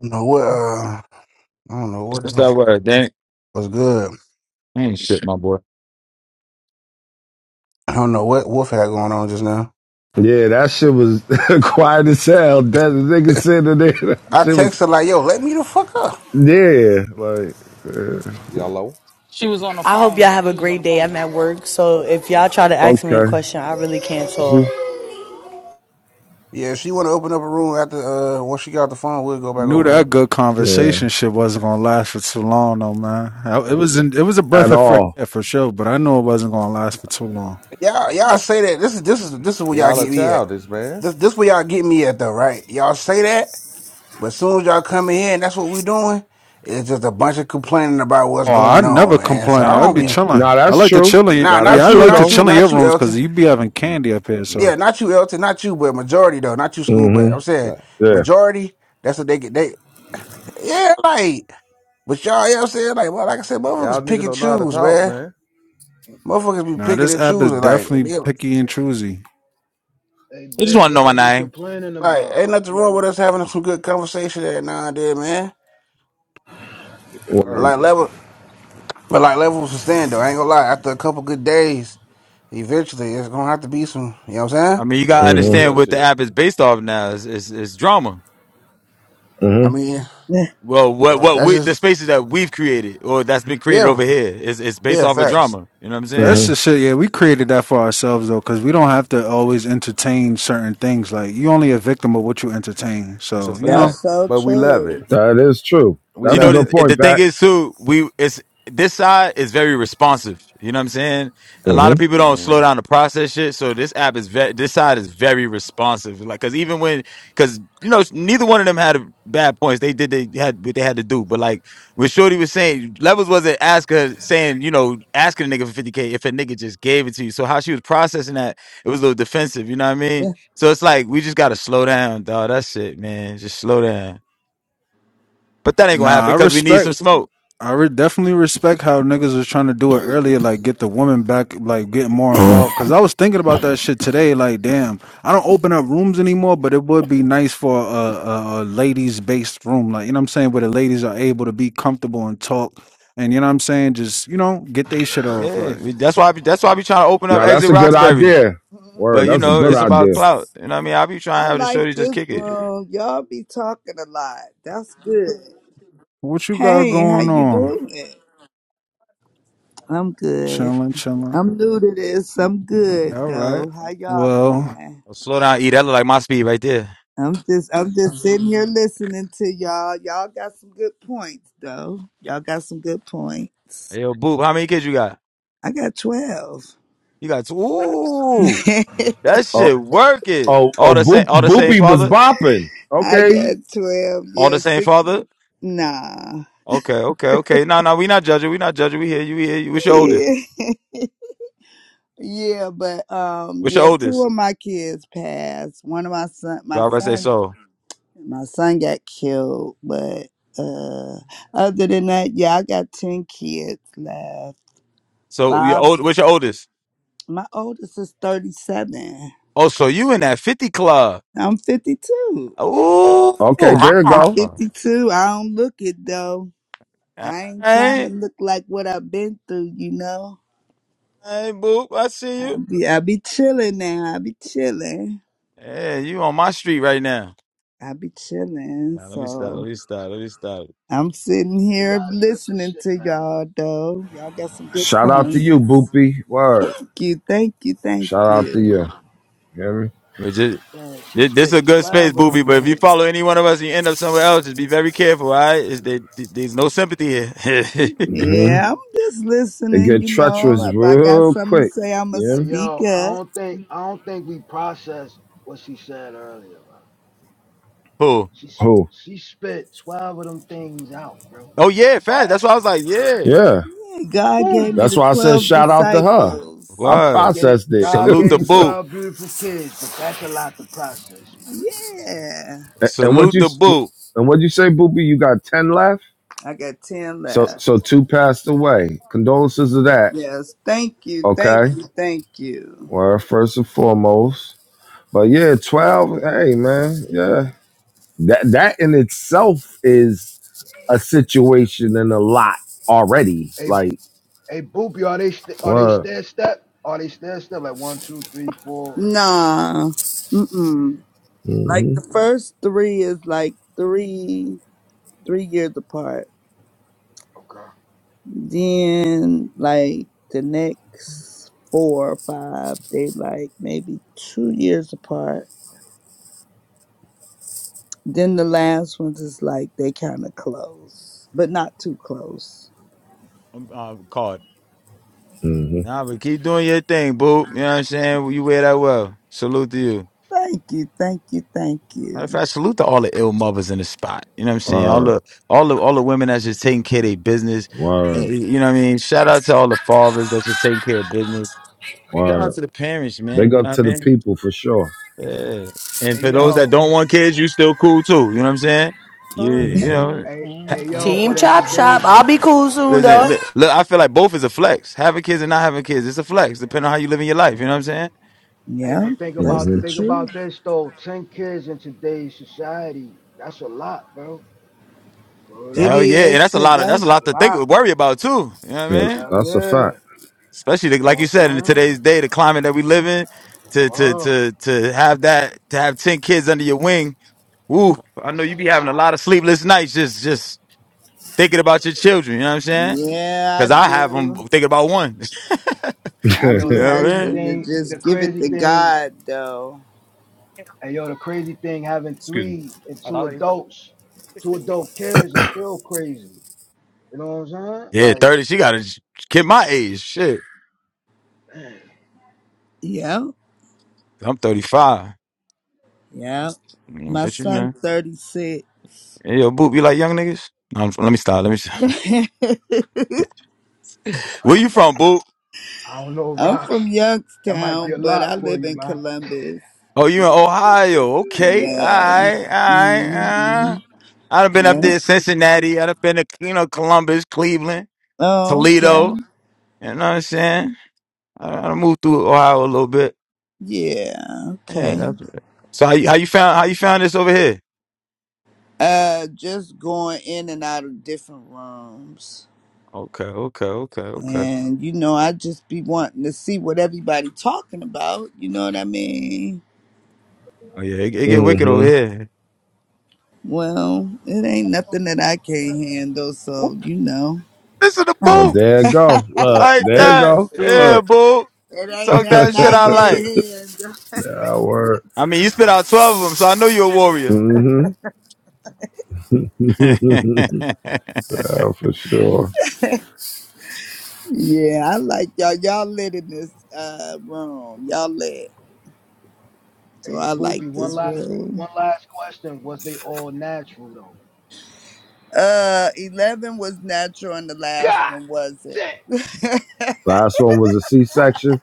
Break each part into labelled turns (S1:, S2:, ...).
S1: don't know what. Uh, I don't know
S2: What's
S1: what
S2: that
S1: else
S2: word? That ain't,
S1: was good.
S2: that ain't shit, my boy.
S1: I don't know what Wolf had going on just now.
S3: Yeah, that shit was quiet as hell. That the nigga sitting there, that
S1: I
S3: shit was
S1: text her like, "Yo, let me the fuck up."
S3: yeah, like
S4: Yellow.
S5: She was on the
S6: I hope y'all
S5: phone.
S6: have a
S5: She was on
S6: great
S5: the
S6: day.
S5: phone,
S6: I'm at
S5: y'all.
S6: work, so if y'all try to ask me a
S3: okay,
S6: question, I really can't
S3: She-
S6: talk.
S1: Yeah, if she want to open up a room after uh once she got off the phone. We'll go back
S7: Knew
S1: over there.
S7: that good
S3: yeah,
S7: conversation shit wasn't gonna last for too long, though, man. I- It was in, it was a
S3: at
S7: breath of
S1: And
S7: fresh
S3: all.
S7: air for sure, but I knew it wasn't gonna last for too long.
S1: y'all, y'all say that this is this is this is where y'all
S4: Y'all are
S1: get me at.
S4: childish, man.
S1: This this where y'all get me at though, right? Y'all say that, but as soon as y'all come in here and that's what we doing, it's just a bunch of complaining about what's
S7: Oh, I
S1: going on,
S7: never
S1: man. So
S7: complain.
S1: I
S7: I'd
S1: don't
S7: be
S1: be
S4: Right.
S7: chilling.
S3: Now
S7: I
S3: that's
S7: like to
S3: true.
S7: chill in.
S1: nah,
S3: Now that's
S1: not
S7: Yeah, I
S1: you,
S3: true
S7: like
S4: Yeah.
S7: to
S1: not
S3: though.
S1: you,
S7: chill in your
S1: not you,
S7: rooms
S1: Elton.
S7: because you be having
S4: Mm.
S7: candy up here.
S4: Yeah.
S1: Yeah,
S7: So
S1: not you, Elton, not you, but majority though, not you, school, but
S3: hmm
S1: I'm saying
S4: Like,
S3: Yeah,
S1: majority. That's what they get. They yeah, like, but y'all, you know what I'm saying, like, well, like I said,
S4: y'all
S1: motherfuckers pick
S4: niggas
S1: and
S4: don't know how to
S1: choose,
S4: talk,
S1: man.
S4: man.
S1: Motherfuckers be
S7: now
S1: picking
S7: this
S1: and
S7: app is
S1: choosing, like,
S7: definitely
S1: they-
S7: picky and choosy.
S8: Hey Biff, what
S2: know my
S8: they be
S2: name.
S8: complaining
S1: like
S8: about?
S1: ain't
S8: What-
S1: nothing
S8: Like,
S1: wrong with
S8: what-
S1: us having some good conversation every now and then, man. But
S4: Believe
S1: like
S4: it.
S1: level, but like level was stand though. I ain't gonna lie. After a couple good days, eventually it's gonna have to be some. You know what I'm saying?
S2: I mean, you
S4: Gotta
S2: gotta
S4: be the
S2: understand
S4: real
S2: what the
S4: shit.
S2: app is based off now. It's, it's, it's drama.
S1: I mean,
S2: Well, what
S4: Right.
S2: what
S1: that's
S2: we the
S1: just
S2: spaces that we've created or that's been created
S1: yeah,
S2: over here is it's based
S1: yeah,
S2: off of
S1: facts.
S2: drama. You know what I'm saying?
S7: That's the shit. Yeah, we created that for ourselves though, because we don't have to always entertain certain things. Like you only a victim of what you entertain.
S2: That's a
S7: So you
S2: fact.
S7: know.
S9: That's so
S4: But we love it.
S9: true.
S3: that is true.
S4: We
S2: you
S3: That's a
S2: know
S4: love
S3: good
S4: it.
S2: the, the
S3: point,
S2: thing
S3: Pat.
S2: is too we it's this side is very responsive you know what i'm saying a lot
S3: hmm
S2: of people don't
S4: Mm-hmm.
S2: slow down to process shit so this app is ve- this side is very responsive like because even when because you know neither one of them had bad points they did they had what they had to do but like what shorty was saying levels wasn't asking saying you know asking a nigga for 50k if a nigga just gave it to you so how she was processing that it was a little defensive you know what i mean so it's like we just gotta slow down dog That's it, man just slow down but that ain't gonna happen
S7: Nah, I
S2: because we need
S7: respect.
S2: some smoke
S7: I re- definitely respect how niggas was trying to do it earlier, like get the woman back, like getting more involved. Cause I was thinking about that shit today. Like, damn, I don't open up rooms anymore, but it would be nice for a, a, a ladies based room. Like, you know what I'm saying? Where the ladies are able to be comfortable and talk. And you know what I'm saying? Just, you know, get they shit off.
S2: Yeah,
S7: Like,
S2: we, that's why I be, that's why I be trying to open up
S3: Now that's
S2: Exit
S3: a good
S2: Roxbury.
S3: idea. Word,
S2: But you
S3: that's a
S2: know,
S3: good
S2: it's
S3: idea.
S2: about clout. You know what I mean? I be trying
S9: I
S2: to have the
S9: like
S2: shorty just
S9: this
S2: kick it.
S9: room. Y'all be talking a lot. That's good.
S7: what you got
S9: Hey, how
S7: going
S9: you
S7: on?
S9: doing? I'm good.
S7: Chilling, chilling.
S9: I'm new to this. I'm good
S7: All right.
S9: though. How y'all
S7: Well,
S9: doing?
S2: Oh, Slow down, eat. That look like my speed right there.
S9: I'm just I'm just sitting here listening to y'all. Y'all got some good points though. Y'all got some good points.
S2: Hey, yo, Boop, how many kids you got?
S9: I got twelve.
S2: You got two. Ooh,
S9: I
S2: that
S3: Oh,
S2: shit working.
S3: oh,
S2: All
S3: oh,
S2: the same,
S3: Boop,
S2: all the same
S3: Boopy was
S2: father,
S3: bopping. Okay,
S9: got twelve.
S2: all
S9: Yeah,
S2: the same
S9: six
S2: father.
S9: nah.
S2: Okay, okay, okay. No, no, we not judging. We not judging. We hear you. We hear you. What's your oldest?
S9: Yeah. Yeah, but um,
S2: What's your
S9: yeah, two
S2: oldest?
S9: of my kids passed. One of my son, my
S2: God rest their
S9: son,
S2: soul.
S9: my son got killed. But uh, other than that, yeah, I got ten kids left.
S2: So your
S9: Five.
S2: old. What's your oldest?
S9: My oldest is thirty-seven.
S2: Oh, so you in that fifty club?
S9: I'm fifty-two.
S2: Ooh,
S3: okay, there you
S9: I'm
S3: go.
S9: fifty-two. I don't look it though. I ain't trying
S2: wow.
S9: to look like what I've been through, you know.
S2: Hey, Boop, I see
S9: I
S2: you.
S9: be I be chilling now. I be chilling.
S2: Yeah, you on my street right now.
S9: I be chilling.
S2: Nah, let me stop.
S9: So.
S2: Let me stop. Let me stop.
S9: I'm sitting
S8: hey
S9: here
S8: Rods, cut your
S9: listening
S8: shit,
S9: to
S8: man.
S9: y'all though. Y'all got some good
S3: Shout out to
S9: points.
S3: you, Boopy. Word.
S9: Thank you, thank you, thank
S3: Shout out to
S9: you.
S3: you. You Hear me?
S2: But just
S8: Man, she
S2: this this a
S8: spit
S2: good space,
S8: twelve of them
S2: Booby. But if you
S8: things.
S2: follow any one of us, and you end up somewhere else. Just be very careful, all right? Is there, there's no sympathy here.
S9: Yeah, I'm just
S3: They
S9: listening,
S3: get
S9: you know.
S3: treacherous
S9: If I got
S3: real
S9: something to
S3: quick.
S9: say, I'ma
S3: Yeah.
S8: Hey
S9: speak
S8: yo, I
S9: up.
S8: don't think I don't think we processed what she said earlier, man.
S2: Who?
S8: She s-
S3: Who?
S8: she spit twelve of them things out, bro.
S2: Oh yeah, fast. That's why
S8: Twelve.
S2: I was like, yeah.
S3: Yeah.
S9: Yeah, God gave
S8: Whew.
S9: me
S3: That's
S9: the
S3: why I said
S9: twelve
S3: shout out to her.
S9: disciples.
S3: I
S8: She
S2: Word.
S8: gave
S3: processed it.
S8: God
S2: Salute
S8: gave
S2: the
S8: you
S2: boot.
S8: twelve beautiful kids, but that's a lot to process, man.
S9: Yeah.
S3: and what
S2: Salute
S3: you
S2: the boot.
S3: and what you say, Boopy? You got ten left.
S9: I got ten
S3: So
S9: left.
S3: so two passed away. Condolences to that.
S9: Yes, thank you, thank
S3: Okay.
S9: you, thank you.
S3: Well, first and foremost. But yeah, twelve. Hey man. Yeah. That that in itself is a situation and a lot already.
S8: Hey
S3: Like
S8: hey Boopy, are they st- are they
S3: what?
S8: stair step? Are they stair step like one, two, three, four?
S9: Nah. Mm-mm. Like
S3: Mm-hmm.
S9: the first three is like three three years apart.
S8: Okay.
S9: Then like the next four or five, they like maybe two years apart. Then the last ones is like they kind of close, but not too close.
S2: I'm, I'm caught.
S3: Mm-hmm.
S2: Nah, but keep doing your thing, Boop. You know what I'm saying? You wear that well. Salute to you.
S9: Thank you, thank you, thank
S2: Matter of
S9: you.
S2: fact, salute to all the ill mothers in the spot. You know what I'm saying? All
S3: Word.
S2: the all the all the women that's just taking care of their business. Eh,
S3: Word.
S2: eh, You know what I mean? Shout out to all the fathers that's just taking care of business. Shout out
S3: Or
S2: to the parents, man.
S3: big
S2: You
S3: up
S2: know
S3: to
S2: what I
S3: the
S2: mean?
S3: people for sure.
S2: Yeah. And
S8: Hey
S2: for those that
S8: yo.
S2: don't want kids, you still cool too. You know what I'm saying? You
S7: Fun-
S2: you
S8: Hey,
S2: know.
S7: mm,
S8: hey, hey,
S7: mm,
S8: yo,
S7: mm,
S6: Team
S8: but in
S6: Chop Shop,
S8: today's,
S7: mm.
S6: I'll be cool soon
S2: Listen,
S6: though.
S2: look, look, I feel like both is a flex. Having kids and not having kids, it's a flex, depending on how you live in your life. You know what I'm saying?
S8: hey,
S9: Yeah,
S8: but think
S9: that's
S8: about
S3: Mm-hmm.
S9: the
S8: think
S9: truth.
S8: about this though. Ten kids in today's society, that's a lot, bro. Word
S9: It
S2: Hell
S8: up,
S2: yeah, and
S9: is
S2: that's a
S9: because
S2: lot of
S9: I,
S2: that's a
S8: it's
S2: lot
S8: a
S2: to think
S8: lot.
S2: worry about too. You know what
S3: Yeah,
S2: I mean?
S8: Hell
S3: that's a
S8: yeah,
S3: fact.
S2: especially the,
S8: know
S2: like
S8: what
S2: you
S8: I'm
S2: said in
S8: saying?
S2: today's day, the climate that we live in, to to
S8: Wow,
S2: to to have that to have ten kids under your wing. Woo! I know
S8: that's a
S2: you be having a
S8: lot.
S2: lot of sleepless nights just just thinking about your children. You know what I'm saying?
S9: yeah, I
S2: Because I have them
S9: do.
S2: thinking about one.
S9: I
S8: And yo,
S9: be
S2: you
S8: the
S3: mm-hmm.
S2: know what
S8: crazy
S2: I
S9: having
S2: mean?
S9: to
S8: thing, the
S9: just give it
S8: crazy
S9: to
S8: thing,
S9: God though.
S8: and yo, the crazy thing, having
S2: Excuse
S8: three and two adults, two
S2: me.
S8: adult kids is still crazy. You know what I'm saying?
S2: Yeah,
S8: Like,
S2: thirty. She got a kid my age. Shit,
S8: man,
S9: Yeah,
S2: I'm 35.
S9: yeah.
S2: Mm,
S9: My
S2: But you
S9: son,
S2: know,
S9: thirty six.
S2: hey, yo, Boop, you like young niggas? No, I'm- let me stop. Let me. Stop. Where
S8: I
S2: you
S8: don't know,
S2: from, Boop?
S8: Rock. I don't know,
S9: I'm
S8: Rocks.
S9: from
S8: That might be
S9: Youngstown,
S8: a
S9: but
S8: lot
S9: I
S8: for
S9: live
S8: you,
S9: in
S8: man.
S9: Columbus.
S2: Oh, you in Ohio? Okay, all
S9: Yeah.
S2: right, all right.
S9: hmm
S2: Uh. I'd have been up
S9: Yeah.
S2: there, Cincinnati. I'd have been to you know Columbus, Cleveland,
S9: Oh, okay.
S2: Toledo. You know what I'm saying? I, I moved through Ohio a little bit.
S9: Yeah.
S2: Yeah,
S9: Okay.
S2: that's it. So how you, how you found how you found this over here?
S9: Uh, just going in and out of different rooms,
S2: Okay, okay, okay, okay.
S9: and you know, I just be wanting to see what everybody talking about. You know what I mean?
S2: Oh yeah, it, it get wicked over here.
S9: Well, it ain't nothing that I can't handle,
S2: Ooh,
S9: so you know,
S2: this is the
S3: Oh,
S2: boot
S3: there it go. Look,
S2: like
S3: there it
S2: that.
S10: Super
S3: go.
S10: duper.
S2: Yeah,
S3: Look,
S2: boo.
S9: it ain't
S2: Talk
S9: nothing
S2: that shit
S9: I
S2: I
S9: can't
S2: like.
S9: handle.
S3: that word.
S2: I mean, you spit out twelve of them, so I know you're a warrior.
S3: Mm-hmm. yeah, for sure.
S9: Yeah, I like y'all. Y'all lit in this uh room. Y'all lit. So
S8: Hey,
S9: I like
S8: boopy, one
S9: this
S8: last qu-
S9: room.
S8: one last question. Was they all natural though?
S9: Uh, eleven was natural, and the last
S8: God
S9: one wasn't.
S8: damn.
S3: Last one was a C-section.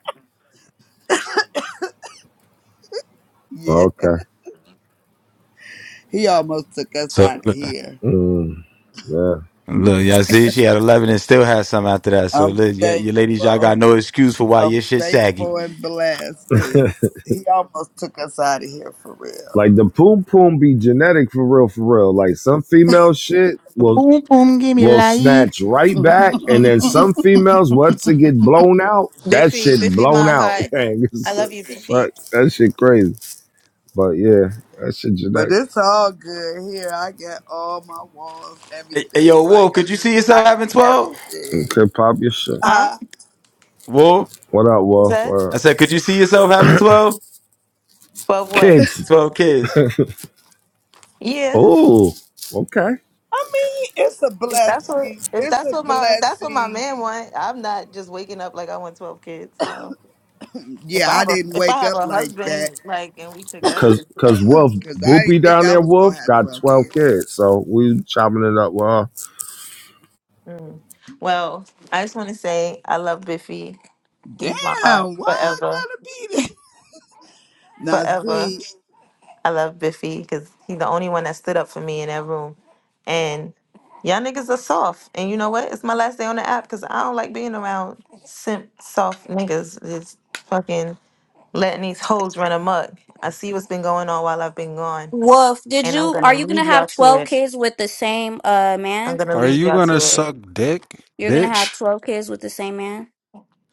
S9: Yeah,
S3: Okay.
S9: he almost took us out
S2: So
S9: of here.
S3: Mm, yeah.
S2: Look, y'all see, she had 11 and still had some after that. So,
S9: I'm
S2: look, y- you ladies, y'all got
S9: thankful.
S2: no excuse for why
S9: I'm
S2: your shit saggy.
S9: thankful and blessed because he almost took us out of here for real.
S3: like the poom poom be genetic for real, for real. Like some female shit will
S2: Boom, boom, give me
S3: will
S2: life.
S3: snatch right back. And then some females, once it get blown out, that
S11: Biffy,
S3: shit
S11: Biffy,
S3: blown
S11: my
S3: out.
S11: heart.
S3: Gang.
S11: I
S3: It's-
S11: love you,
S3: a-
S11: Biffy.
S3: Fuck, that shit crazy. But yeah, that shit
S9: but
S3: genetic.
S9: it's all good here. I got all my walls,
S2: Hey, hey,
S9: everything.
S2: yo,
S9: Like
S2: Wolf,
S9: I
S2: could you
S9: just,
S2: see
S9: I
S2: yourself having
S9: got
S2: 12?
S3: It
S9: everything.
S3: could pop your shit.
S11: Huh?
S9: Huh?
S2: Wolf,
S3: What up,
S11: Is
S3: Wolf?
S11: that
S3: Uh,
S2: I said, could you see yourself having 12?
S11: twelve? What?
S3: kids.
S2: 12 kids.
S11: Yeah.
S3: Oh, okay.
S9: I mean, it's a
S11: If that's what
S9: blessing.
S11: if
S9: It's
S11: that's
S9: a
S11: what my if that's what my
S9: blessing.
S11: man want, I'm not just waking up like I want twelve kids. No. If
S9: Yeah,
S11: I
S9: I
S11: have a
S9: didn't
S11: if I
S9: wake
S11: have
S9: up
S11: a
S9: like that
S11: husband like and we
S3: Cause,
S11: together.
S3: cause Wolf
S11: that's-
S9: because I
S3: Boopy
S9: didn't think
S3: down
S9: I
S3: there,
S9: was going to
S3: Wolf
S9: have
S3: got
S9: 12
S3: twelve
S9: kids.
S3: kids, so we chopping it up. Well,
S11: Mm. Well, I just want to say I love Biffy. He's my heart
S9: Damn, why I
S11: forever,
S9: got to be there? Now,
S11: forever.
S9: see,
S11: I love Biffy because he's the only one that stood up for me in that room. And y'all niggas are soft. And you know what? It's my last day on the app because I don't like being around simp soft niggas. Just fucking letting these hoes run amok. I see what's been going on while I've been gone.
S12: Wolf, did
S11: And I'm
S12: you are
S11: gonna
S12: you gonna
S11: leave
S12: have
S11: y'all to
S12: twelve
S11: it.
S12: kids with the same uh
S11: I'm
S12: man?
S11: gonna
S7: are
S11: leave
S7: you
S11: y'all
S7: gonna
S11: to it.
S7: suck dick,
S12: You're gonna have
S7: bitch?
S12: twelve kids with the same man?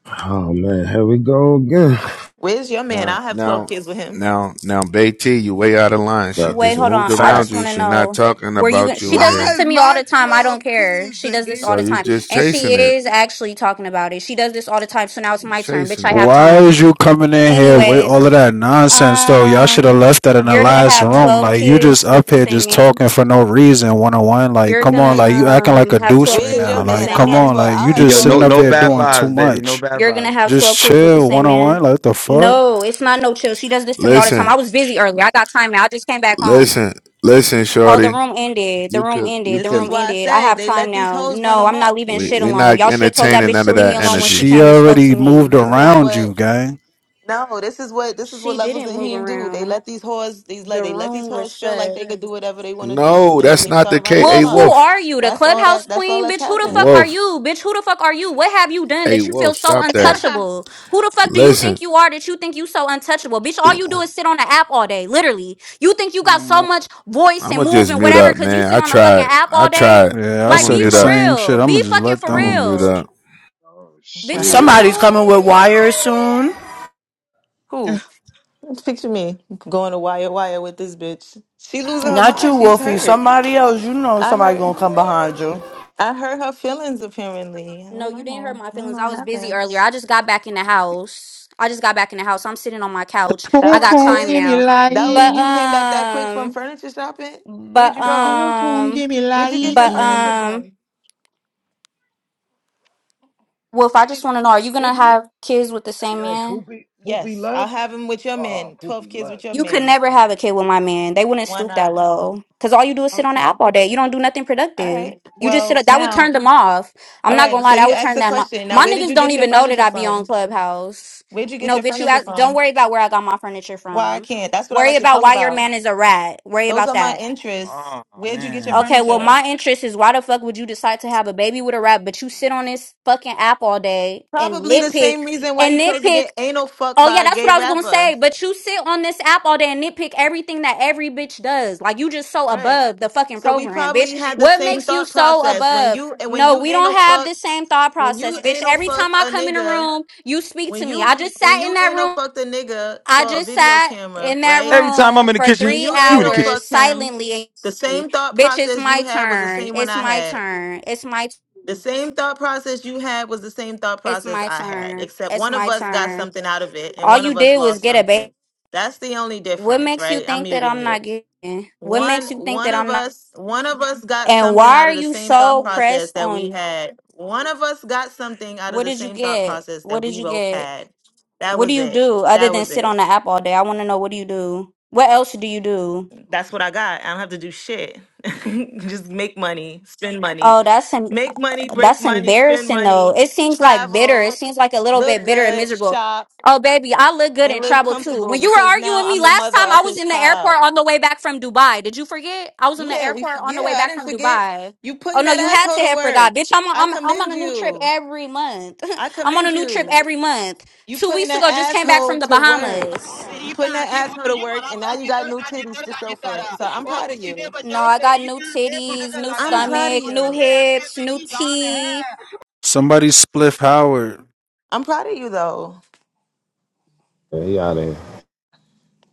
S3: oh man, here we go again.
S11: Where's your man?
S13: Now,
S11: I'll have
S13: now,
S11: 12 kids with him.
S13: now, now, Bay T, you way out of line. She
S3: But,
S12: Wait,
S13: just
S12: hold
S13: moved
S12: on. I just
S13: around you.
S3: facts.
S12: wanna
S13: She not
S12: know.
S13: talking
S12: Were you gonna
S13: about
S12: she
S13: you
S9: why
S13: in
S12: does this
S13: here.
S9: is
S12: to me all
S9: my
S12: the time. I
S9: 12
S12: don't care.
S9: kids
S12: She
S9: an
S12: does this all
S13: So
S12: the
S13: you
S12: time.
S9: issue?
S13: just
S12: And she
S13: chasing it.
S12: is actually talking about it. She does this all the time. So now it's
S13: You
S12: my turn. Bitch,
S13: chasing
S12: I
S13: it.
S12: have
S7: Why
S12: time.
S7: is you coming in here with
S12: Anyways,
S7: all of that nonsense though? Y'all should
S12: um
S7: have left that in the
S12: you're gonna
S7: last
S12: have
S7: room.
S12: twelve
S7: Like you just
S12: kids with
S7: up
S12: the
S7: here
S12: same
S7: just
S12: man?
S7: talking for no reason, one on one. Like
S12: You're
S7: come on,
S12: gonna
S7: like you acting like
S12: um
S7: a
S12: have
S7: deuce
S12: twelve
S7: right
S11: Where's
S12: kids
S11: your
S7: now.
S12: with the
S11: man?
S7: Like
S12: same
S11: I'll
S7: come
S11: have
S12: man?
S7: on,
S11: 12
S7: like
S11: I'll
S7: you
S2: Hey,
S11: have
S7: just
S2: yo,
S11: 12
S7: sitting
S2: no,
S7: up
S11: kids
S2: no
S11: for
S7: here
S11: your
S2: bad
S7: doing
S11: man.
S7: too
S2: vibes, baby. No
S7: much.
S2: bad
S12: You're gonna
S2: vibes.
S12: have
S7: Just
S12: 12 kids with the
S7: chill, one
S12: same
S7: on
S12: man.
S7: one. Like what the fuck?
S12: No, it's not no chill. She does this to me all the time. I
S13: Listen,
S12: was busy earlier. I got time now. I just came back home.
S13: listen, listen,
S12: Oh, the
S13: shorty.
S12: room ended. The
S13: You
S12: room
S13: could, you
S12: ended. The
S11: This is
S12: room
S13: could.
S11: why I
S12: ended. I
S11: said
S12: have
S11: they
S12: time
S11: let these
S12: now.
S11: hoes run
S12: No, I'm not
S11: amok.
S12: leaving
S11: And
S13: We
S11: you
S12: shit
S13: we
S11: see?
S12: alone.
S13: not
S12: Y'all should have told
S11: This
S12: that
S13: entertaining
S12: bitch
S11: is
S13: none
S12: to
S13: of
S12: leave me
S13: that
S7: Sh-
S12: alone when she
S13: energy.
S7: She
S12: came and spoke to
S7: already moved
S12: me. The
S11: This is
S12: fuck?
S7: around
S11: what
S7: you, gang.
S11: no, this is what this is what
S12: She
S11: levels
S12: didn't
S11: and
S12: move
S11: him do. They
S12: around.
S11: let these whores these like
S12: The
S11: they let these
S12: room was
S11: whores feel like
S12: shut.
S11: they could do whatever they want to do,
S13: No,
S11: and then
S13: that's
S11: they
S13: not the
S11: start running
S13: case. Hey,
S11: them
S12: Wolf,
S11: up.
S12: who
S13: Wolf,
S12: are you? The
S11: That's all
S12: clubhouse
S11: that. That's all
S12: queen?
S11: that's
S12: Bitch, who the fuck
S11: happening.
S12: are
S13: Wolf,
S12: you? Bitch, who the fuck are you? What have you done
S13: hey,
S12: that you feel
S13: Wolf,
S12: so
S13: stop that.
S14: Haha.
S12: untouchable? Who the fuck do you think
S13: Listen,
S12: you are that you think you so untouchable? Bitch, all you do is sit on the app all day, literally. You think you got
S2: Come
S12: so
S2: on.
S12: much voice and
S13: I'ma
S12: move
S13: just
S12: and
S13: mute
S12: whatever
S13: up,
S12: because you
S13: man.
S12: sit
S13: I
S12: on a fucking
S13: tried,
S12: app
S13: I
S12: all day?
S13: tried.
S7: Yeah, I
S12: Like,
S13: I'ma
S7: said
S12: be
S7: the
S13: mute
S12: for
S13: up.
S7: same shit.
S12: real.
S7: I'ma
S12: Be
S7: just
S12: fucking
S7: let
S12: for
S13: I'ma
S7: them.
S13: mute
S12: real.
S13: up.
S15: Oh
S11: Just
S12: Bitch,
S11: let
S12: is
S11: her
S15: shit.
S12: you
S6: Somebody's
S11: ramble.
S12: cool?
S6: coming with wires soon.
S11: Who? Picture me going to wire wire with this bitch. She losing her
S6: Not you,
S11: mind. She's
S6: Wolfie.
S11: hurt.
S6: Somebody else. You know
S11: I
S6: somebody
S11: hurt.
S6: gonna come behind you.
S11: I hurt her feelings. Apparently, I
S12: No,
S11: don't
S12: you didn't hurt
S11: know.
S12: my
S11: I don't
S12: feelings.
S11: know
S12: I
S11: what
S12: was busy
S11: happened.
S12: earlier. I just got back in the house. I just got back in the house. I'm sitting on my couch.
S11: That
S2: Boom,
S12: I
S11: was
S12: got
S2: boom,
S12: time
S11: quick.
S2: give me
S12: now.
S11: That was,
S12: But,
S11: you
S2: life.
S11: came back that quick from
S12: um...
S11: furniture shopping. Where'd
S12: But
S11: you go?
S2: Boom, boom,
S12: um,
S2: give me
S11: Where'd you get your
S12: but
S2: life.
S11: furniture
S12: um,
S11: from?
S12: Wolf, I just
S11: Did
S12: want to know: Are you gonna
S11: did you?
S12: have kids with the
S8: Hey,
S12: same
S8: yo,
S12: man?
S8: Poopy, Poopy
S11: Yes, I'll
S8: left.
S11: have him with your
S8: Oh,
S11: men. Twelve
S8: Poopy
S11: kids with
S8: left,
S11: your
S12: You could
S8: man.
S11: men.
S12: never
S8: Damn.
S12: have a kid with my man. They wouldn't
S11: Why
S12: stoop that
S11: not?
S12: low. Cause all you do is sit on the app
S11: Okay.
S12: all day. You don't do nothing
S11: All
S12: productive.
S11: right.
S12: You just sit.
S11: Well,
S12: up. That would
S11: now,
S12: turn them off. I'm
S11: all
S12: not gonna
S11: right. So
S12: lie. That
S11: you
S12: would
S11: asked
S12: turn
S11: the
S12: them off.
S11: question. Now,
S12: My
S11: where did
S12: niggas
S11: you
S12: don't
S11: get your
S12: even know that
S11: furniture
S12: I be
S11: from?
S12: on Clubhouse.
S11: Where'd you get
S12: No,
S11: your
S12: bitch. You
S11: furniture
S12: ask, don't
S11: from?
S12: worry about where I got my furniture
S11: Why I
S12: from.
S11: can't? That's what I
S12: Worry
S11: like to
S12: about
S11: talk
S12: why your
S11: about.
S12: man is a rat. Worry
S11: Those
S12: about
S11: are my
S12: that.
S2: Oh,
S11: interests. Where'd you get your
S2: man.
S12: Okay, well,
S11: furniture?
S12: my interest is why the fuck would you decide to have a baby with a rap, but you sit on this fucking app all day and
S11: Probably the
S12: nitpick
S11: same reason why you
S12: and
S11: chose to
S12: nitpick.
S11: get anal fucked
S12: Oh yeah,
S11: by a
S12: that's what
S11: gay
S12: I was gonna
S11: rapper.
S12: say. But you sit on this app all day and nitpick everything that every bitch does. Like you just so
S11: Right.
S12: above the fucking
S11: So we
S12: program, bitch.
S11: probably had the
S12: What
S11: same
S12: makes you
S11: thought
S12: so
S11: process when
S12: above?
S11: you and when
S12: No,
S11: you
S12: we
S11: ain't
S12: don't
S11: no
S12: have
S11: fuck
S12: the same thought
S11: when you
S12: process, bitch.
S11: ain't no
S12: Every
S11: fuck
S12: time I
S11: a
S12: come in a
S11: nigga
S12: room, you speak
S11: when
S12: to me.
S11: you
S12: I just
S11: when
S12: sat in
S11: you
S12: that
S11: anal no
S12: room.
S11: fucked a nigga
S12: I
S11: for a
S12: just
S11: video
S12: sat
S11: camera,
S12: in that
S11: right?
S2: Every time I'm
S12: room
S2: in the
S12: for
S2: kitchen,
S11: When
S12: three
S11: you
S2: you in the
S11: anal
S2: kitchen.
S12: hours
S11: fucked him,
S12: silently.
S11: the same thought
S12: Bitch, it's
S11: process you
S12: my
S11: had was the
S12: turn.
S11: same one
S12: It's
S11: I
S12: my
S11: had.
S12: turn. It's my.
S11: The same thought process you had was the same thought
S12: It's
S11: process
S12: my
S11: I had,
S12: turn.
S11: except
S12: It's
S11: one of
S12: my
S11: us got
S12: turn.
S11: something out of it and
S12: All
S11: one
S12: you
S11: of us
S12: did was
S11: lost
S12: get a baby.
S11: something. That's the only
S12: What
S11: difference,
S12: makes you
S11: right? I'm
S12: think that
S11: muting
S12: I'm
S11: you.
S12: not getting? What
S11: One
S12: makes you think
S11: one
S12: that
S11: of
S12: I'm not?
S11: us one of us got
S12: And
S11: something
S12: why
S11: out
S12: are
S11: of the
S12: you
S11: same thought
S12: so
S11: process
S12: pressed
S11: that we
S12: on?
S11: had. One of us got something out of
S12: What
S11: the
S12: did you
S11: same thought
S12: get?
S11: process
S12: What
S11: that
S12: did
S11: we
S12: you
S11: both
S12: get?
S11: had. That
S12: What do
S11: was
S12: you
S11: it.
S12: do other
S11: That
S12: than
S11: was
S12: sit
S11: it.
S12: on the app all day? I want to know what do you do? What else do you do?
S11: That's what I got. I don't have to do shit. Just make money, spend money.
S12: Oh, that's him.
S11: Make money, break
S12: That's
S11: money, spend
S12: embarrassing though.
S11: money,
S12: It seems like bitter. It
S11: travel,
S12: seems like a little bit
S11: look
S12: bitter and
S11: good,
S12: miserable.
S11: shop,
S12: Oh baby, I look good in
S11: and live
S12: travel too.
S11: comfortable
S12: When you were
S11: because
S12: arguing
S11: now
S12: with me
S11: I'm the
S12: last
S11: mother
S12: time,
S11: of
S12: I was
S11: his
S12: in the
S11: child.
S12: airport on the way back from Dubai. Did you forget? I was in the
S11: Yeah, we.
S12: airport on the way
S11: Yeah, I
S12: back
S11: didn't
S12: from
S11: forget.
S12: Dubai.
S11: You
S12: Oh
S11: putting
S12: no,
S11: that
S12: you had
S11: asshole
S12: to
S11: to
S12: have
S11: work.
S12: forgot, bitch. I'm on,
S11: I
S12: I'm I'm on
S11: commend
S12: a new trip
S11: you.
S12: every month.
S11: I
S12: I'm on a
S11: commend
S12: new trip
S11: you.
S12: every month.
S11: You
S12: Two
S11: putting
S12: weeks
S11: that
S12: ago, just came back from
S11: asshole
S12: the
S11: to work.
S12: Bahamas.
S11: You
S16: Serifa
S11: putting that asshole to
S16: Seyfuddin'i
S11: work, and
S16: Malatya
S11: now you got
S16: Jitter
S11: new
S16: da
S11: titties
S16: Jitter
S11: to
S16: da
S11: show for
S16: Jitter
S11: it. So I'm
S16: और
S11: proud of
S16: उसके
S11: you.
S12: No,
S16: बचाओ
S12: I got
S16: Sharif
S12: new
S16: से खुद
S12: titties, new
S16: चलाना
S11: I'm proud of
S12: stomach,
S16: और
S12: new
S11: you.
S16: कहते हैं हम के
S12: hips, new
S16: मेरी जान
S12: teeth.
S16: है
S7: Somebody spliff Howard.
S11: I'm proud of you, though.
S3: Yeah, he outta here.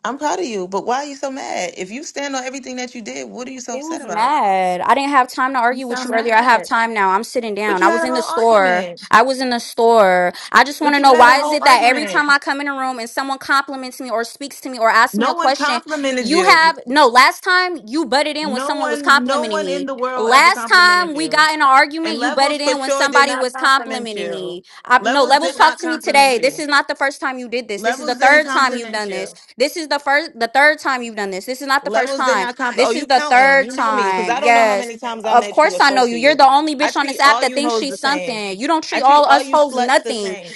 S11: I'm proud of you. But why are you so mad? If you stand on everything that you did, what are you so
S12: He
S11: upset
S12: was
S11: about?
S12: mad. I didn't have time to
S11: You
S12: argue with you
S11: sound
S12: earlier. I have
S11: mad.
S12: time now. I'm sitting
S11: But
S12: down.
S11: you
S12: I was
S11: had a
S12: in the
S11: whole
S12: store.
S11: argument.
S12: I was in the store. I just want
S11: But
S12: to
S11: you
S12: know
S11: had a
S12: why is
S11: whole
S12: it that every
S11: argument.
S12: time I come in a room and someone compliments me or speaks to me or asks me
S11: No
S12: a
S11: one
S12: question,
S11: complimented
S12: you
S11: you.
S12: have no, last time you butted in when
S11: No
S12: someone was
S11: one, no
S12: complimenting
S11: one in
S12: me.
S11: the world ever
S12: Last time
S11: complimented
S12: we
S11: you.
S12: got in an argument,
S11: And
S12: you butted
S11: Levels for
S12: in when
S11: sure did
S12: somebody
S11: not
S12: was
S11: compliment
S12: complimenting
S11: you.
S12: me. I, no,
S11: Levels
S12: levels
S11: did not
S12: talk to me
S11: compliment
S12: today. This
S11: you.
S12: is not the first time you did this. This is the
S11: Levels didn't
S12: third time you've
S11: compliment
S12: done this.
S11: you.
S12: This is the first the third time you've done this. This is not the first
S11: Levels did
S12: time.
S11: not compliment. Oh,
S12: This is
S11: you
S12: the
S11: counting?
S12: third
S11: You know me because
S12: time.
S11: I don't know how
S12: Yes.
S11: many times I
S12: Of
S11: met you
S12: course
S11: or
S12: I know
S11: spoke
S12: you.
S11: to
S12: You're
S11: you.
S12: the only
S11: I
S12: bitch on
S11: treat
S12: this app
S11: all
S12: that
S11: you
S12: thinks
S11: hoes
S12: she's
S11: the same.
S12: something. You don't
S11: I
S12: treat
S11: treat
S12: all
S11: all
S12: us
S11: you
S12: hoes
S11: sluts the
S12: nothing.
S11: same.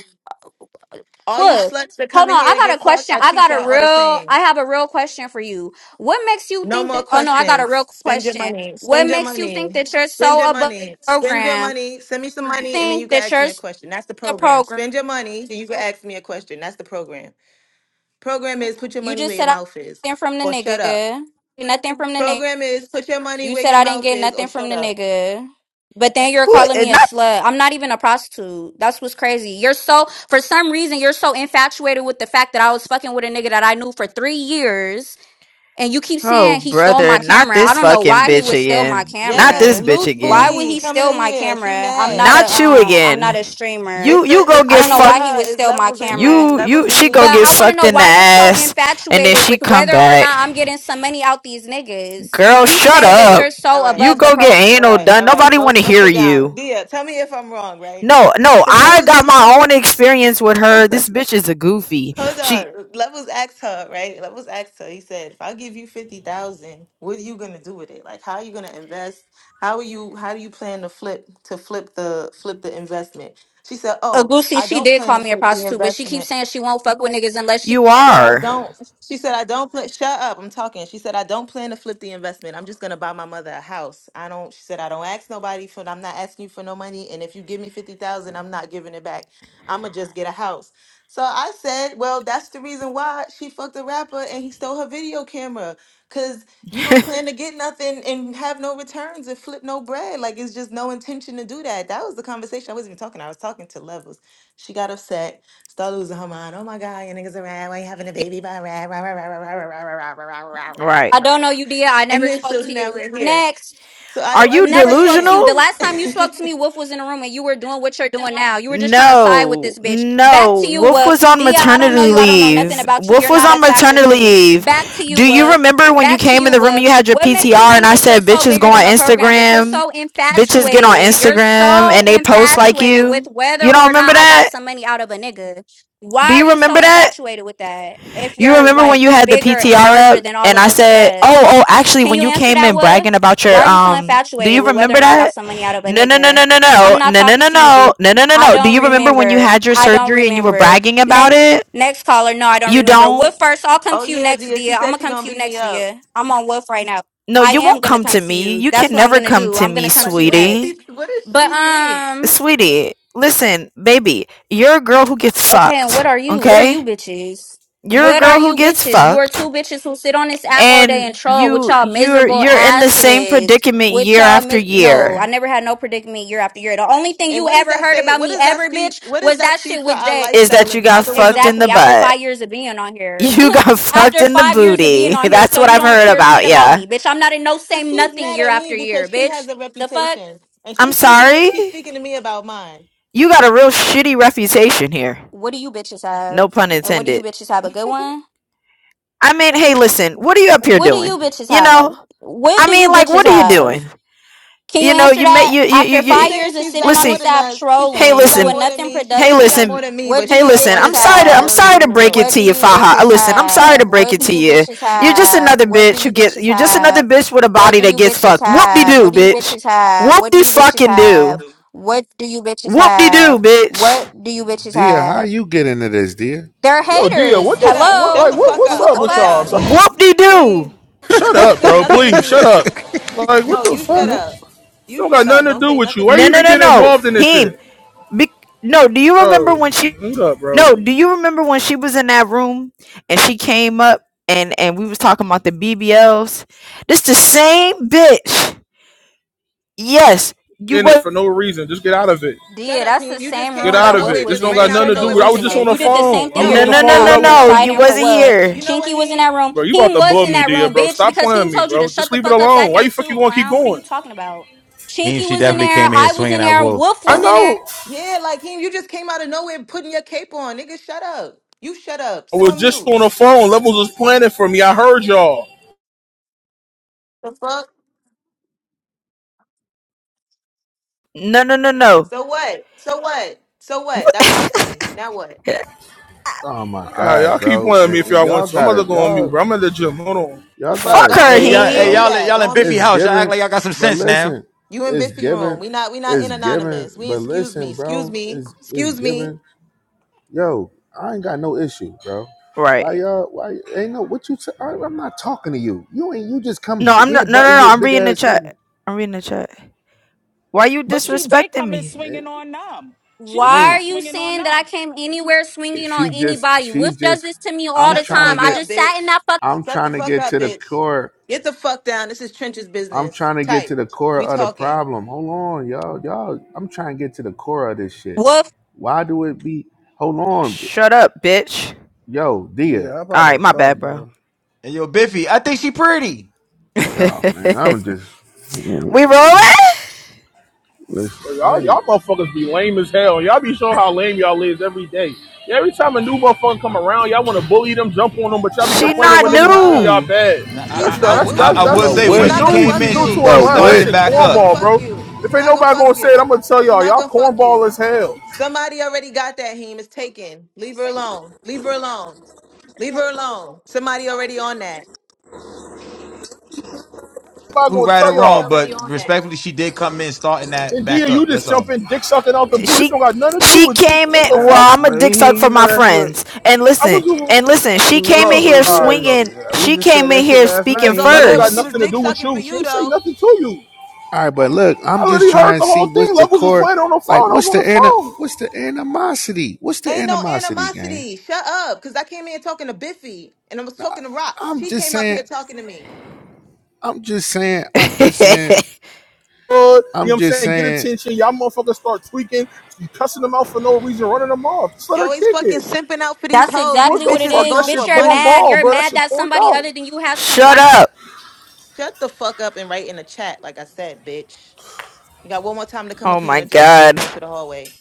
S11: All you
S12: Look,
S11: sluts that come
S12: hold on.
S11: in here
S12: I
S11: to
S12: got a
S11: get fucked,
S12: question.
S11: I
S12: I
S11: treat
S12: got a
S11: y'all all the
S12: real
S11: same.
S12: I have a real question for you. What makes you
S11: No
S12: think
S11: more
S12: that oh no, I got a real
S11: questions. Spend your
S12: question.
S11: money.
S12: What
S11: Spend your
S12: makes you think
S11: money.
S12: that you're
S11: Spend
S12: so
S11: your
S12: above
S11: money.
S12: the
S11: Spend your
S12: program?
S11: money. Send me some
S12: You
S11: money and then you
S12: think
S11: can
S12: that
S11: ask me
S12: you're
S11: a
S12: so
S11: question. That's the
S12: the
S11: program.
S12: program.
S11: Spend your money and you can ask me a question. That's the program. Program is put your
S12: You
S11: money
S12: just
S11: where your
S12: said I
S11: mouth is
S12: nothing from the
S11: or shut up.
S12: nigga. Nothing from the nigga.
S11: Program is put your money
S12: You
S11: where
S12: said
S11: your
S12: I didn't
S11: mouth
S12: get
S11: is or
S12: nothing from
S11: shut
S12: the
S11: up.
S12: nigga. But then you're
S17: Who
S12: calling
S17: and
S12: me a
S17: not
S12: slut. I'm not even a prostitute. That's what's crazy. You're so, for some reason, you're so infatuated with the fact that I was fucking with a nigga that I knew for three years. And you keep
S17: oh
S12: saying he stole
S17: brother,
S12: my
S17: not
S12: camera. I
S17: this
S12: don't know
S17: fucking
S12: why he
S17: bitch
S12: would steal my
S17: again. Not
S11: Yes,
S17: this
S12: camera.
S17: bitch
S11: loose
S12: Why
S17: again.
S12: would
S11: booty
S12: he
S11: coming
S12: steal
S11: in
S12: my
S11: here. She
S12: camera? I'm
S11: mad.
S12: not a,
S17: Not you
S12: um, I'm not
S17: again.
S12: a streamer.
S17: You
S11: It's
S17: you
S11: the
S17: go
S11: it's
S12: I
S17: get
S11: not
S12: don't know
S11: even
S12: why he
S17: fucked
S11: her.
S12: would
S11: It's
S12: steal my
S11: levels in
S12: camera.
S11: him.
S17: you
S11: Levels
S17: you
S11: in
S17: she
S11: him
S17: go
S11: did
S12: But
S17: get
S12: I
S11: this.
S12: want to
S17: fucked
S12: know
S17: in the
S12: why you're so
S17: ass and then
S12: infatuated
S17: she
S12: with
S17: come
S12: whether or
S17: back.
S12: not I'm getting some money out these niggas. If
S17: Girl,
S11: So
S12: you
S11: let me
S17: shut
S12: say
S11: tell
S12: that
S17: up.
S12: you're
S11: you. All
S12: so
S11: right.
S17: You
S12: above the
S17: go get
S12: program,
S11: All
S17: anal
S11: right,
S17: done.
S11: all right.
S17: Nobody
S11: Go
S17: wanna
S11: go
S17: hear
S11: sit down.
S17: you.
S11: Dia, tell me if I'm wrong, right?
S17: No, no,
S11: Because
S17: I
S11: Levels and
S17: got
S11: he
S17: my own experience with her.
S11: hold
S17: This bitch is a goofy. She
S11: on. Levels asked her, right? Levels asked her, he said, if I give you fifty thousand, what are you gonna do with it? Like how are you gonna invest? How are you how do you plan to flip to flip the flip the investment? She said, Oh,
S12: Agusi,
S11: I
S12: she
S11: don't
S12: did
S11: plan
S12: call
S11: to
S12: me a
S11: flip the
S12: prostitute, but she keeps
S11: investment.
S12: saying she won't fuck with niggas unless she.
S17: you
S11: Said I
S17: are.
S11: don't. She said I don't plan. Shut up! I'm talking. She said I don't plan to flip the investment. I'm just gonna buy my mother a house. I don't. She said I don't ask nobody for. I'm not asking you for no money. And if you give me fifty thousand, I'm not giving it back. I'ma just get a house. So I said, well, that's the reason why she fucked a rapper and he stole her video camera. Cause you don't plan to get nothing and have no returns and flip no bread. Like it's just no intention to do that. That was the conversation. I wasn't even talking. I was talking to levels. She got upset. Start losing her mind. Oh my God, your niggas are rad. Why you having a baby? Blah, rah, rah, rah, rah, rah, rah, rah, rah, rah, rah, rah, rah, rah,
S17: Right.
S12: I
S11: rah, rah, rah.
S12: don't know you, Dia. I
S11: And
S12: never
S11: then
S12: spoke
S11: so
S12: to
S11: now
S12: you.
S11: we're here.
S12: Next.
S11: So I
S17: Are
S11: don't
S17: you
S12: never spoke to you.
S11: understand.
S12: The
S17: delusional?
S12: last time you spoke to me, Wolf was in the room and you were doing what you're doing now. You were just trying to side with
S17: No,
S12: this bitch. Back
S17: no.
S12: to you,
S17: Wolf
S12: Wolf.
S17: was on
S12: Dia, I don't know
S17: maternity
S12: you. I don't know nothing
S17: leave.
S12: about you.
S17: Wolf
S12: You're
S17: was
S12: not
S17: on
S12: a factor
S17: maternity
S12: to me. Back to
S17: leave.
S12: you,
S17: Do you
S12: Wolf.
S17: remember when you
S12: Back to
S17: came in
S12: you,
S17: the room and
S12: Wolf.
S17: you had your
S12: What
S17: PTR
S12: makes you
S17: and
S12: think
S17: I
S12: that you're
S17: said
S12: so
S17: bitches go
S12: bigger
S17: on
S12: than a program, but you're
S17: Instagram?
S12: so
S17: Bitches get on
S12: infatuated? You're
S17: Instagram
S12: so
S17: and they post like
S12: infatuated with
S17: you?
S12: whether
S17: You don't
S12: or
S17: remember
S12: not I got
S17: that?
S12: some money out of a nigga. Why
S17: Do
S12: are
S17: you
S12: you so
S17: remember that?
S12: infatuated with that? If
S17: You
S12: you're
S17: remember when
S12: like
S17: you had the
S12: bigger and
S17: PTR
S12: larger
S17: up
S12: than all
S17: and
S12: of
S17: I
S12: us
S17: said, "Oh, oh,
S12: sluts.
S17: actually
S12: Can
S17: when
S12: you
S17: you
S12: answer
S17: came
S12: that,
S17: in
S12: Wolf?
S17: bragging about
S12: Why
S17: your
S12: are you so
S17: um do
S12: infatuated
S17: you
S12: with whether
S17: remember
S12: or not I got
S17: that?
S12: some money out of a
S17: No, no, no,
S12: nigga?
S17: no, no,
S12: I'm
S17: no.
S12: not
S17: No, no,
S12: talking
S17: no,
S12: to you,
S17: no.
S12: dear.
S17: No, no, no,
S12: I
S17: no. Do
S12: don't
S17: you remember when you
S12: remember.
S17: had your
S12: I don't
S17: surgery and you were
S12: remember.
S17: bragging about
S12: Next,
S17: it?
S12: next caller. No, I don't
S17: You
S12: remember. Wolf
S17: don't?
S12: first? I'll come
S11: oh
S12: to you
S11: yeah,
S12: next,
S11: Gia. She
S12: dear. I'm
S11: said
S12: gonna
S11: she
S12: come
S11: gonna
S12: to you
S11: beat me
S12: next,
S11: up.
S12: dear. I'm on Wolf right now.
S17: No,
S12: I
S17: you won't
S12: am gonna
S17: come
S12: come
S17: to
S12: to
S17: me.
S12: you.
S17: You can
S12: That's what I'm
S17: never
S12: gonna
S17: come
S12: do.
S17: to
S12: I'm
S17: me,
S12: gonna come
S11: Like
S12: to you
S11: what does
S12: next.
S17: sweetie.
S11: she? What does
S12: But
S11: she think?
S12: um.
S17: Sweetie, listen, baby, you're a girl who gets
S12: Okay, and
S17: fucked,
S12: what are you? What are
S17: okay?
S12: you bitches?
S17: You're a
S12: What are
S17: girl who
S12: you
S17: gets
S12: bitches? You are
S17: fucked
S12: two bitches who sit on this app all day
S17: and
S12: and troll with
S17: you
S12: y'all
S17: you're
S12: miserable
S17: you're in the same
S12: asses.
S17: predicament
S12: With
S17: year
S12: y'all
S17: after
S12: mis- no,
S17: year
S12: I never had no predicament year after year. The only thing
S11: And
S12: you
S11: what does
S12: ever
S11: that
S12: heard
S11: say?
S12: about
S11: What
S12: me
S11: does that
S12: ever,
S11: speak?
S12: bitch,
S11: What does
S12: was
S11: that
S12: that
S11: speak
S12: shit
S11: for
S12: with
S11: our
S12: Jay.
S17: is
S11: lifestyle
S17: that you
S11: if
S17: got
S11: neither one of
S17: fucked in
S11: us
S17: the
S11: are
S12: Exactly. After
S11: broke?
S17: butt.
S12: five years of being on here.
S17: You got fucked
S12: After
S17: in the
S12: five years of being
S17: booty.
S12: on here.
S17: That's
S12: So
S17: what
S12: you
S17: I've
S12: don't
S17: heard
S12: care shit
S17: about
S12: about
S17: ya.
S12: me, bitch. I'm not in no
S11: So
S12: same
S11: she's
S12: nothing
S11: mad
S12: year
S11: at me
S12: after year,
S11: because she
S12: bitch.
S11: has a
S12: The fuck?
S11: reputation, and
S17: I'm
S11: she's speaking. To,
S17: sorry?
S11: she's speaking to me about mine.
S17: You got a real shitty reputation here.
S12: What do you bitches
S17: No
S12: have?
S17: pun
S12: And what do you
S17: intended.
S12: bitches have? A good one?
S17: I mean, hey, listen, what are you up here
S12: What do
S17: doing?
S12: you bitches
S17: You know?
S12: have? What
S17: I
S12: do
S17: mean,
S12: you
S17: like,
S12: bitches
S17: what are you
S12: have?
S17: doing?
S12: Can you
S17: You know,
S12: answer
S17: you may
S12: that?
S17: you you you,
S12: After
S11: So she's
S12: five
S17: you
S11: saying
S12: years of
S11: she's
S12: sitting
S11: got
S12: on
S11: more
S17: listen.
S12: this
S11: than
S12: app
S11: us. She's
S17: Hey,
S11: saying she
S12: trolling,
S11: got
S17: listen,
S12: doing
S11: more than
S12: nothing
S11: me. She
S17: Hey,
S11: said she got
S12: productive,
S11: more
S17: listen.
S11: than me,
S12: what
S11: but
S12: do
S17: Hey,
S11: she
S12: you
S11: up
S17: listen.
S11: on
S12: bitches
S17: I'm
S11: this app
S17: sorry to I'm
S12: have?
S11: following me
S17: sorry to
S11: room to
S17: break
S11: room.
S17: it
S12: What
S17: to
S12: do
S17: you,
S12: you
S17: Faha. Uh,
S12: bitches
S17: Listen, I'm sorry to
S12: have?
S17: break
S12: What
S17: it
S12: do
S17: to
S12: you
S17: you.
S12: bitches
S17: You're just
S12: have?
S17: another
S12: What do
S17: bitch who
S12: you
S17: get.
S12: bitches
S17: You're just another
S12: have?
S17: bitch with a
S12: What
S17: body
S12: do
S17: that
S12: you
S17: gets
S12: bitches
S17: fucked. Whoop de
S12: have?
S17: doo,
S12: What do you
S17: bitch.
S12: bitches have?
S17: Whoop
S12: What do
S17: de
S12: you bitches
S17: fucking
S12: have?
S17: do.
S12: What do you bitches
S17: Whoop de doo,
S12: have? What
S17: bitch.
S12: do you bitches
S13: Dear, how
S12: have?
S13: you get into this, dear?
S12: They're
S18: Yo, Dia,
S12: haters.
S18: what the
S11: Shut
S18: f-
S11: up.
S18: what,
S11: Shut
S12: Hello?
S18: like
S11: the
S18: what
S11: fuck
S18: what's
S11: up.
S12: What
S18: up
S12: the
S11: All
S18: with
S11: of
S12: fuck?
S18: y'all?
S11: y'all.
S18: So-
S11: He
S17: Whoop
S11: ain't-
S17: de
S11: he
S17: doo.
S18: shut
S11: don't
S18: up,
S11: say
S18: bro.
S11: nothing to
S18: Please, shut
S11: Dia.
S18: up. Like what
S11: No,
S18: the
S11: you shut
S18: fuck?
S17: No,
S18: This
S11: up. You
S18: don't got
S11: shut
S18: nothing
S11: up.
S18: to
S11: Don't
S18: do
S11: say
S18: with you.
S11: nothing to
S18: Why
S17: no,
S18: you even
S17: no,
S11: Dia.
S18: get
S17: no.
S18: involved in this
S17: Him.
S18: shit,
S17: Be- no. Do you remember
S18: bro?
S17: when she?
S18: Hang up, bro.
S17: No. Do you remember when she was in that room and she came up and and we was talking about the BBLs? This the same bitch Yes, you
S18: In it
S17: was.
S18: for no reason. Just get out of it.
S11: Shut
S12: Yeah,
S11: up,
S12: that's the
S11: Heem. You just
S12: same
S18: Get
S11: came
S12: room
S11: out of
S18: out
S12: that
S18: of
S12: Wolf
S11: nowhere,
S18: it.
S12: was
S18: This
S11: just
S18: don't
S12: in.
S18: got
S11: ran
S12: Bitch,
S11: out
S12: you're
S18: nothing
S11: of
S18: to do
S11: nowhere
S18: with. I
S11: with
S18: was
S11: your
S18: just
S12: delusional.
S18: on
S11: cape
S18: the
S12: You
S11: on. No,
S12: did
S11: he
S12: the same
S18: phone. I
S12: thing
S18: was
S12: you're
S17: No,
S18: on
S11: no,
S18: the
S17: no,
S12: doing
S18: phone
S17: no,
S18: with
S12: now.
S17: no,
S11: no,
S12: You
S11: you
S12: were
S11: know
S17: no.
S18: levels,
S11: what
S17: You
S12: siding for
S11: Heem?
S17: wasn't
S12: Wolf.
S11: You
S17: here.
S11: know what
S12: Chinky was in
S11: Heem?
S12: that room.
S18: bro. You
S12: He
S18: about to
S12: was
S18: blow
S12: in
S18: me,
S12: that
S18: Dia,
S12: room,
S18: bro.
S12: bitch,
S18: Stop
S12: because he
S18: playing me,
S12: told you
S18: bro.
S12: to shut
S18: Just
S12: the
S18: leave it
S12: fuck up that
S18: alone. Why
S12: day
S18: you fucking
S12: too,
S18: want to keep
S12: clown. What are you
S18: going?
S12: talking about?
S2: He,
S12: Chinky
S2: she
S12: was in
S2: definitely
S12: there.
S2: came in here
S12: I was
S2: swinging
S12: in
S2: that
S12: there.
S2: wolf.
S12: Wolf
S18: I
S12: was in there.
S18: know.
S11: Yeah, like Heem, you just came out of nowhere putting your cape on. Nigga, shut up. You shut up.
S18: I
S11: Sit
S18: was
S11: on
S18: just
S11: mute.
S18: on the phone. Levels was planning for me. I heard y'all.
S11: The fuck?
S17: No, no, no, no.
S11: So what? So what? So what?
S17: What?
S11: That's my friend. Now what?
S13: Oh my
S18: All right,
S13: god,
S18: y'all keep
S13: bro!
S18: playing me
S13: And-
S18: if
S13: and
S18: y'all want
S13: y'all
S18: to. I'm about to
S13: gotta
S18: go on mute,
S13: y'all
S18: bro. I'm at the gym. Hold on.
S11: The
S13: y'all
S11: fuck?
S17: Fuck
S13: gotta
S11: Go on
S17: her,
S2: Hey
S13: chill,
S2: y'all,
S11: mute. Yeah,
S2: hey
S11: do
S13: bro.
S17: him.
S2: y'all,
S11: that.
S2: y'all
S11: Go
S2: in
S11: on
S2: Biffy
S13: It's
S11: mute.
S2: house. Y'all act
S13: given,
S2: like y'all got some
S13: but
S2: sense now.
S13: listen,
S11: You in
S13: it's
S11: Biffy room.
S13: given,
S11: We not we not
S13: it's
S11: in
S13: given,
S11: anonymous. We in
S13: but
S11: excuse me.
S13: listen,
S11: Excuse
S13: bro,
S11: me.
S13: it's it's
S11: Excuse me.
S13: given. Yo, I ain't got no issue, bro.
S17: Right.
S13: Why y'all? Why ain't no what you? T- I, I'm not talking to you. You ain't. You just come
S17: No, I'm not.
S13: head
S17: No, no,
S13: butting
S17: no.
S13: your
S17: I'm
S13: big
S17: reading the
S13: ass
S17: chat.
S13: head.
S17: I'm reading the chat. Why you
S5: But she did
S17: disrespecting
S5: come in
S13: And,
S17: me?
S13: and
S5: swinging on them. She
S12: Why
S5: came in
S12: are
S13: it
S12: you
S5: swinging on
S12: saying that I
S5: them.
S12: came anywhere
S13: ain't.
S12: swinging on
S13: She just.
S12: anybody?
S13: She
S12: Wolf does
S13: just.
S12: this to me all
S13: I'm
S12: the
S11: Shut the
S13: trying to
S12: time.
S11: fuck
S12: I
S13: get.
S11: up,
S12: just sat in
S11: bitch.
S12: that fuck.
S13: I'm
S11: Shut the
S13: trying to
S11: fuck
S13: get
S11: up,
S13: to the
S11: bitch.
S13: core
S11: Get the fuck down. This is Trench's
S13: I'm
S11: business.
S13: trying to get
S11: Type.
S13: to the core
S11: We
S13: of the
S11: talking.
S13: problem. Hold on, y'all. Y'all, I'm trying to get to the core of this shit.
S12: Wolf,
S13: Why do it be? Hold on,
S17: Shut up, bitch.
S13: yo,
S1: Yeah,
S13: dear.
S1: how about
S17: All right,
S1: that
S17: my
S1: car,
S17: bad,
S1: bro?
S17: bro.
S2: And yo, Biffy, I think she pretty.
S13: Yo, man, I'm just
S17: we rolling?
S13: listen.
S18: Bro,
S13: I
S18: Y'all,
S13: ain't.
S18: y'all motherfuckers be lame as hell. Y'all be showing how lame y'all is every day. Every time a new motherfucker come around, y'all want to bully them, jump on them, but y'all be
S17: She
S11: Shut the
S18: complaining
S17: not
S18: when
S11: fuck
S18: niggas be treating
S11: up.
S18: y'all
S17: new.
S18: bad.
S2: Nah, I,
S11: She's
S18: That's
S2: I,
S18: the
S2: I,
S11: not
S2: w-
S18: that's
S2: I-
S18: that's
S2: I
S11: new.
S2: will
S11: He
S13: But
S2: say
S18: that's
S11: she's
S2: when
S18: she
S13: what?
S2: she
S11: not gonna
S18: knew
S2: came
S18: she
S11: fuck
S2: in,
S18: knew to
S2: she
S11: you.
S18: her
S2: she
S13: But
S18: line. That
S2: started
S13: what?
S2: it
S18: shit
S11: She
S2: back
S11: not gonna
S2: up.
S18: cornball,
S11: fuck
S18: bro.
S11: you.
S18: If
S11: She
S18: ain't
S11: not gonna
S18: nobody gonna
S11: fuck
S18: say it, I'm
S11: you.
S18: gonna tell
S11: She
S18: y'all.
S11: not
S18: Y'all
S11: gonna fuck
S18: cornball
S11: you.
S18: as hell.
S11: Somebody already got that, Heem. It's taken. Leave her alone. Leave her alone. Leave her alone. Somebody already on that.
S18: Nobody
S2: Who
S18: gonna
S2: right or
S18: tell
S11: Somebody
S2: wrong,
S18: y'all.
S2: but
S11: already on that.
S2: respectfully, she did come in starting that
S18: Then Dia,
S2: back
S18: you
S2: up.
S18: just
S2: That's all.
S18: jumping, dick sucking out the blue. This
S17: She
S18: don't got nothing to do
S17: she
S18: with you.
S17: came
S18: What
S17: in.
S18: the
S17: Well,
S1: That,
S18: fuck?
S17: I'm a
S1: but
S17: dick
S1: he,
S17: suck
S1: you
S17: for
S1: know,
S17: my
S1: that's what
S17: friends. And
S18: I
S17: listen,
S18: was doing,
S17: and listen.
S1: you
S17: She
S1: know.
S17: came
S1: She
S17: in
S18: bro.
S17: here
S1: gonna do
S18: All right,
S1: that.
S18: bro.
S17: swinging.
S1: We
S17: She
S1: just said
S17: came in
S1: that shit
S17: here
S1: last
S11: It
S1: night.
S17: speaking
S11: was all
S18: That
S1: He,
S18: don't
S11: good when
S18: got
S11: she
S17: first.
S11: was
S18: nothing to
S11: dick
S18: do with
S11: sucking for
S18: you. She
S11: you,
S18: ain't say
S11: though.
S18: nothing to you.
S13: All right, but look, I'm
S18: I
S13: just
S18: literally heard
S13: trying
S18: the
S13: to see
S18: whole thing.
S13: what's the
S18: Levels was
S13: core.
S18: playing on the
S13: Like,
S18: phone. I was
S13: what's
S18: on the
S13: the ana?
S18: phone.
S13: What's the animosity? What's the
S11: Ain't no
S13: animosity, gang?
S11: animosity. Shut up. Because I came here talking to Biffy and I was talking to Rocks.
S13: I'm
S11: She
S13: just
S11: came up
S13: saying.
S11: here talking to me.
S13: I'm just saying. I'm just saying.
S18: Uh, you know
S13: I'm
S18: what I'm
S13: just
S18: saying? Get
S13: saying.
S18: attention. Y'all motherfuckers start tweaking. You cussing them out for no reason, running them off. Just let
S11: You
S18: her
S11: always
S18: kick
S11: fucking
S18: it.
S11: simping out for these
S12: that's
S11: hoes.
S18: What
S11: These
S12: exactly
S18: the
S12: what it
S11: bitches is
S18: fuck?
S12: is.
S18: That
S11: going
S12: Bitch,
S11: for
S18: shit
S12: you're
S11: money.
S12: mad.
S18: cornball,
S12: You're
S18: bro. That
S12: mad
S18: shit
S12: that
S18: corned
S12: somebody
S18: out.
S12: other than you has some
S17: Shut up!
S11: Shut the fuck up and write in the chat, like I said, bitch. You got one more time to come
S17: Oh
S11: up here and
S17: my
S11: address me. You're
S17: god.
S11: going to the hallway.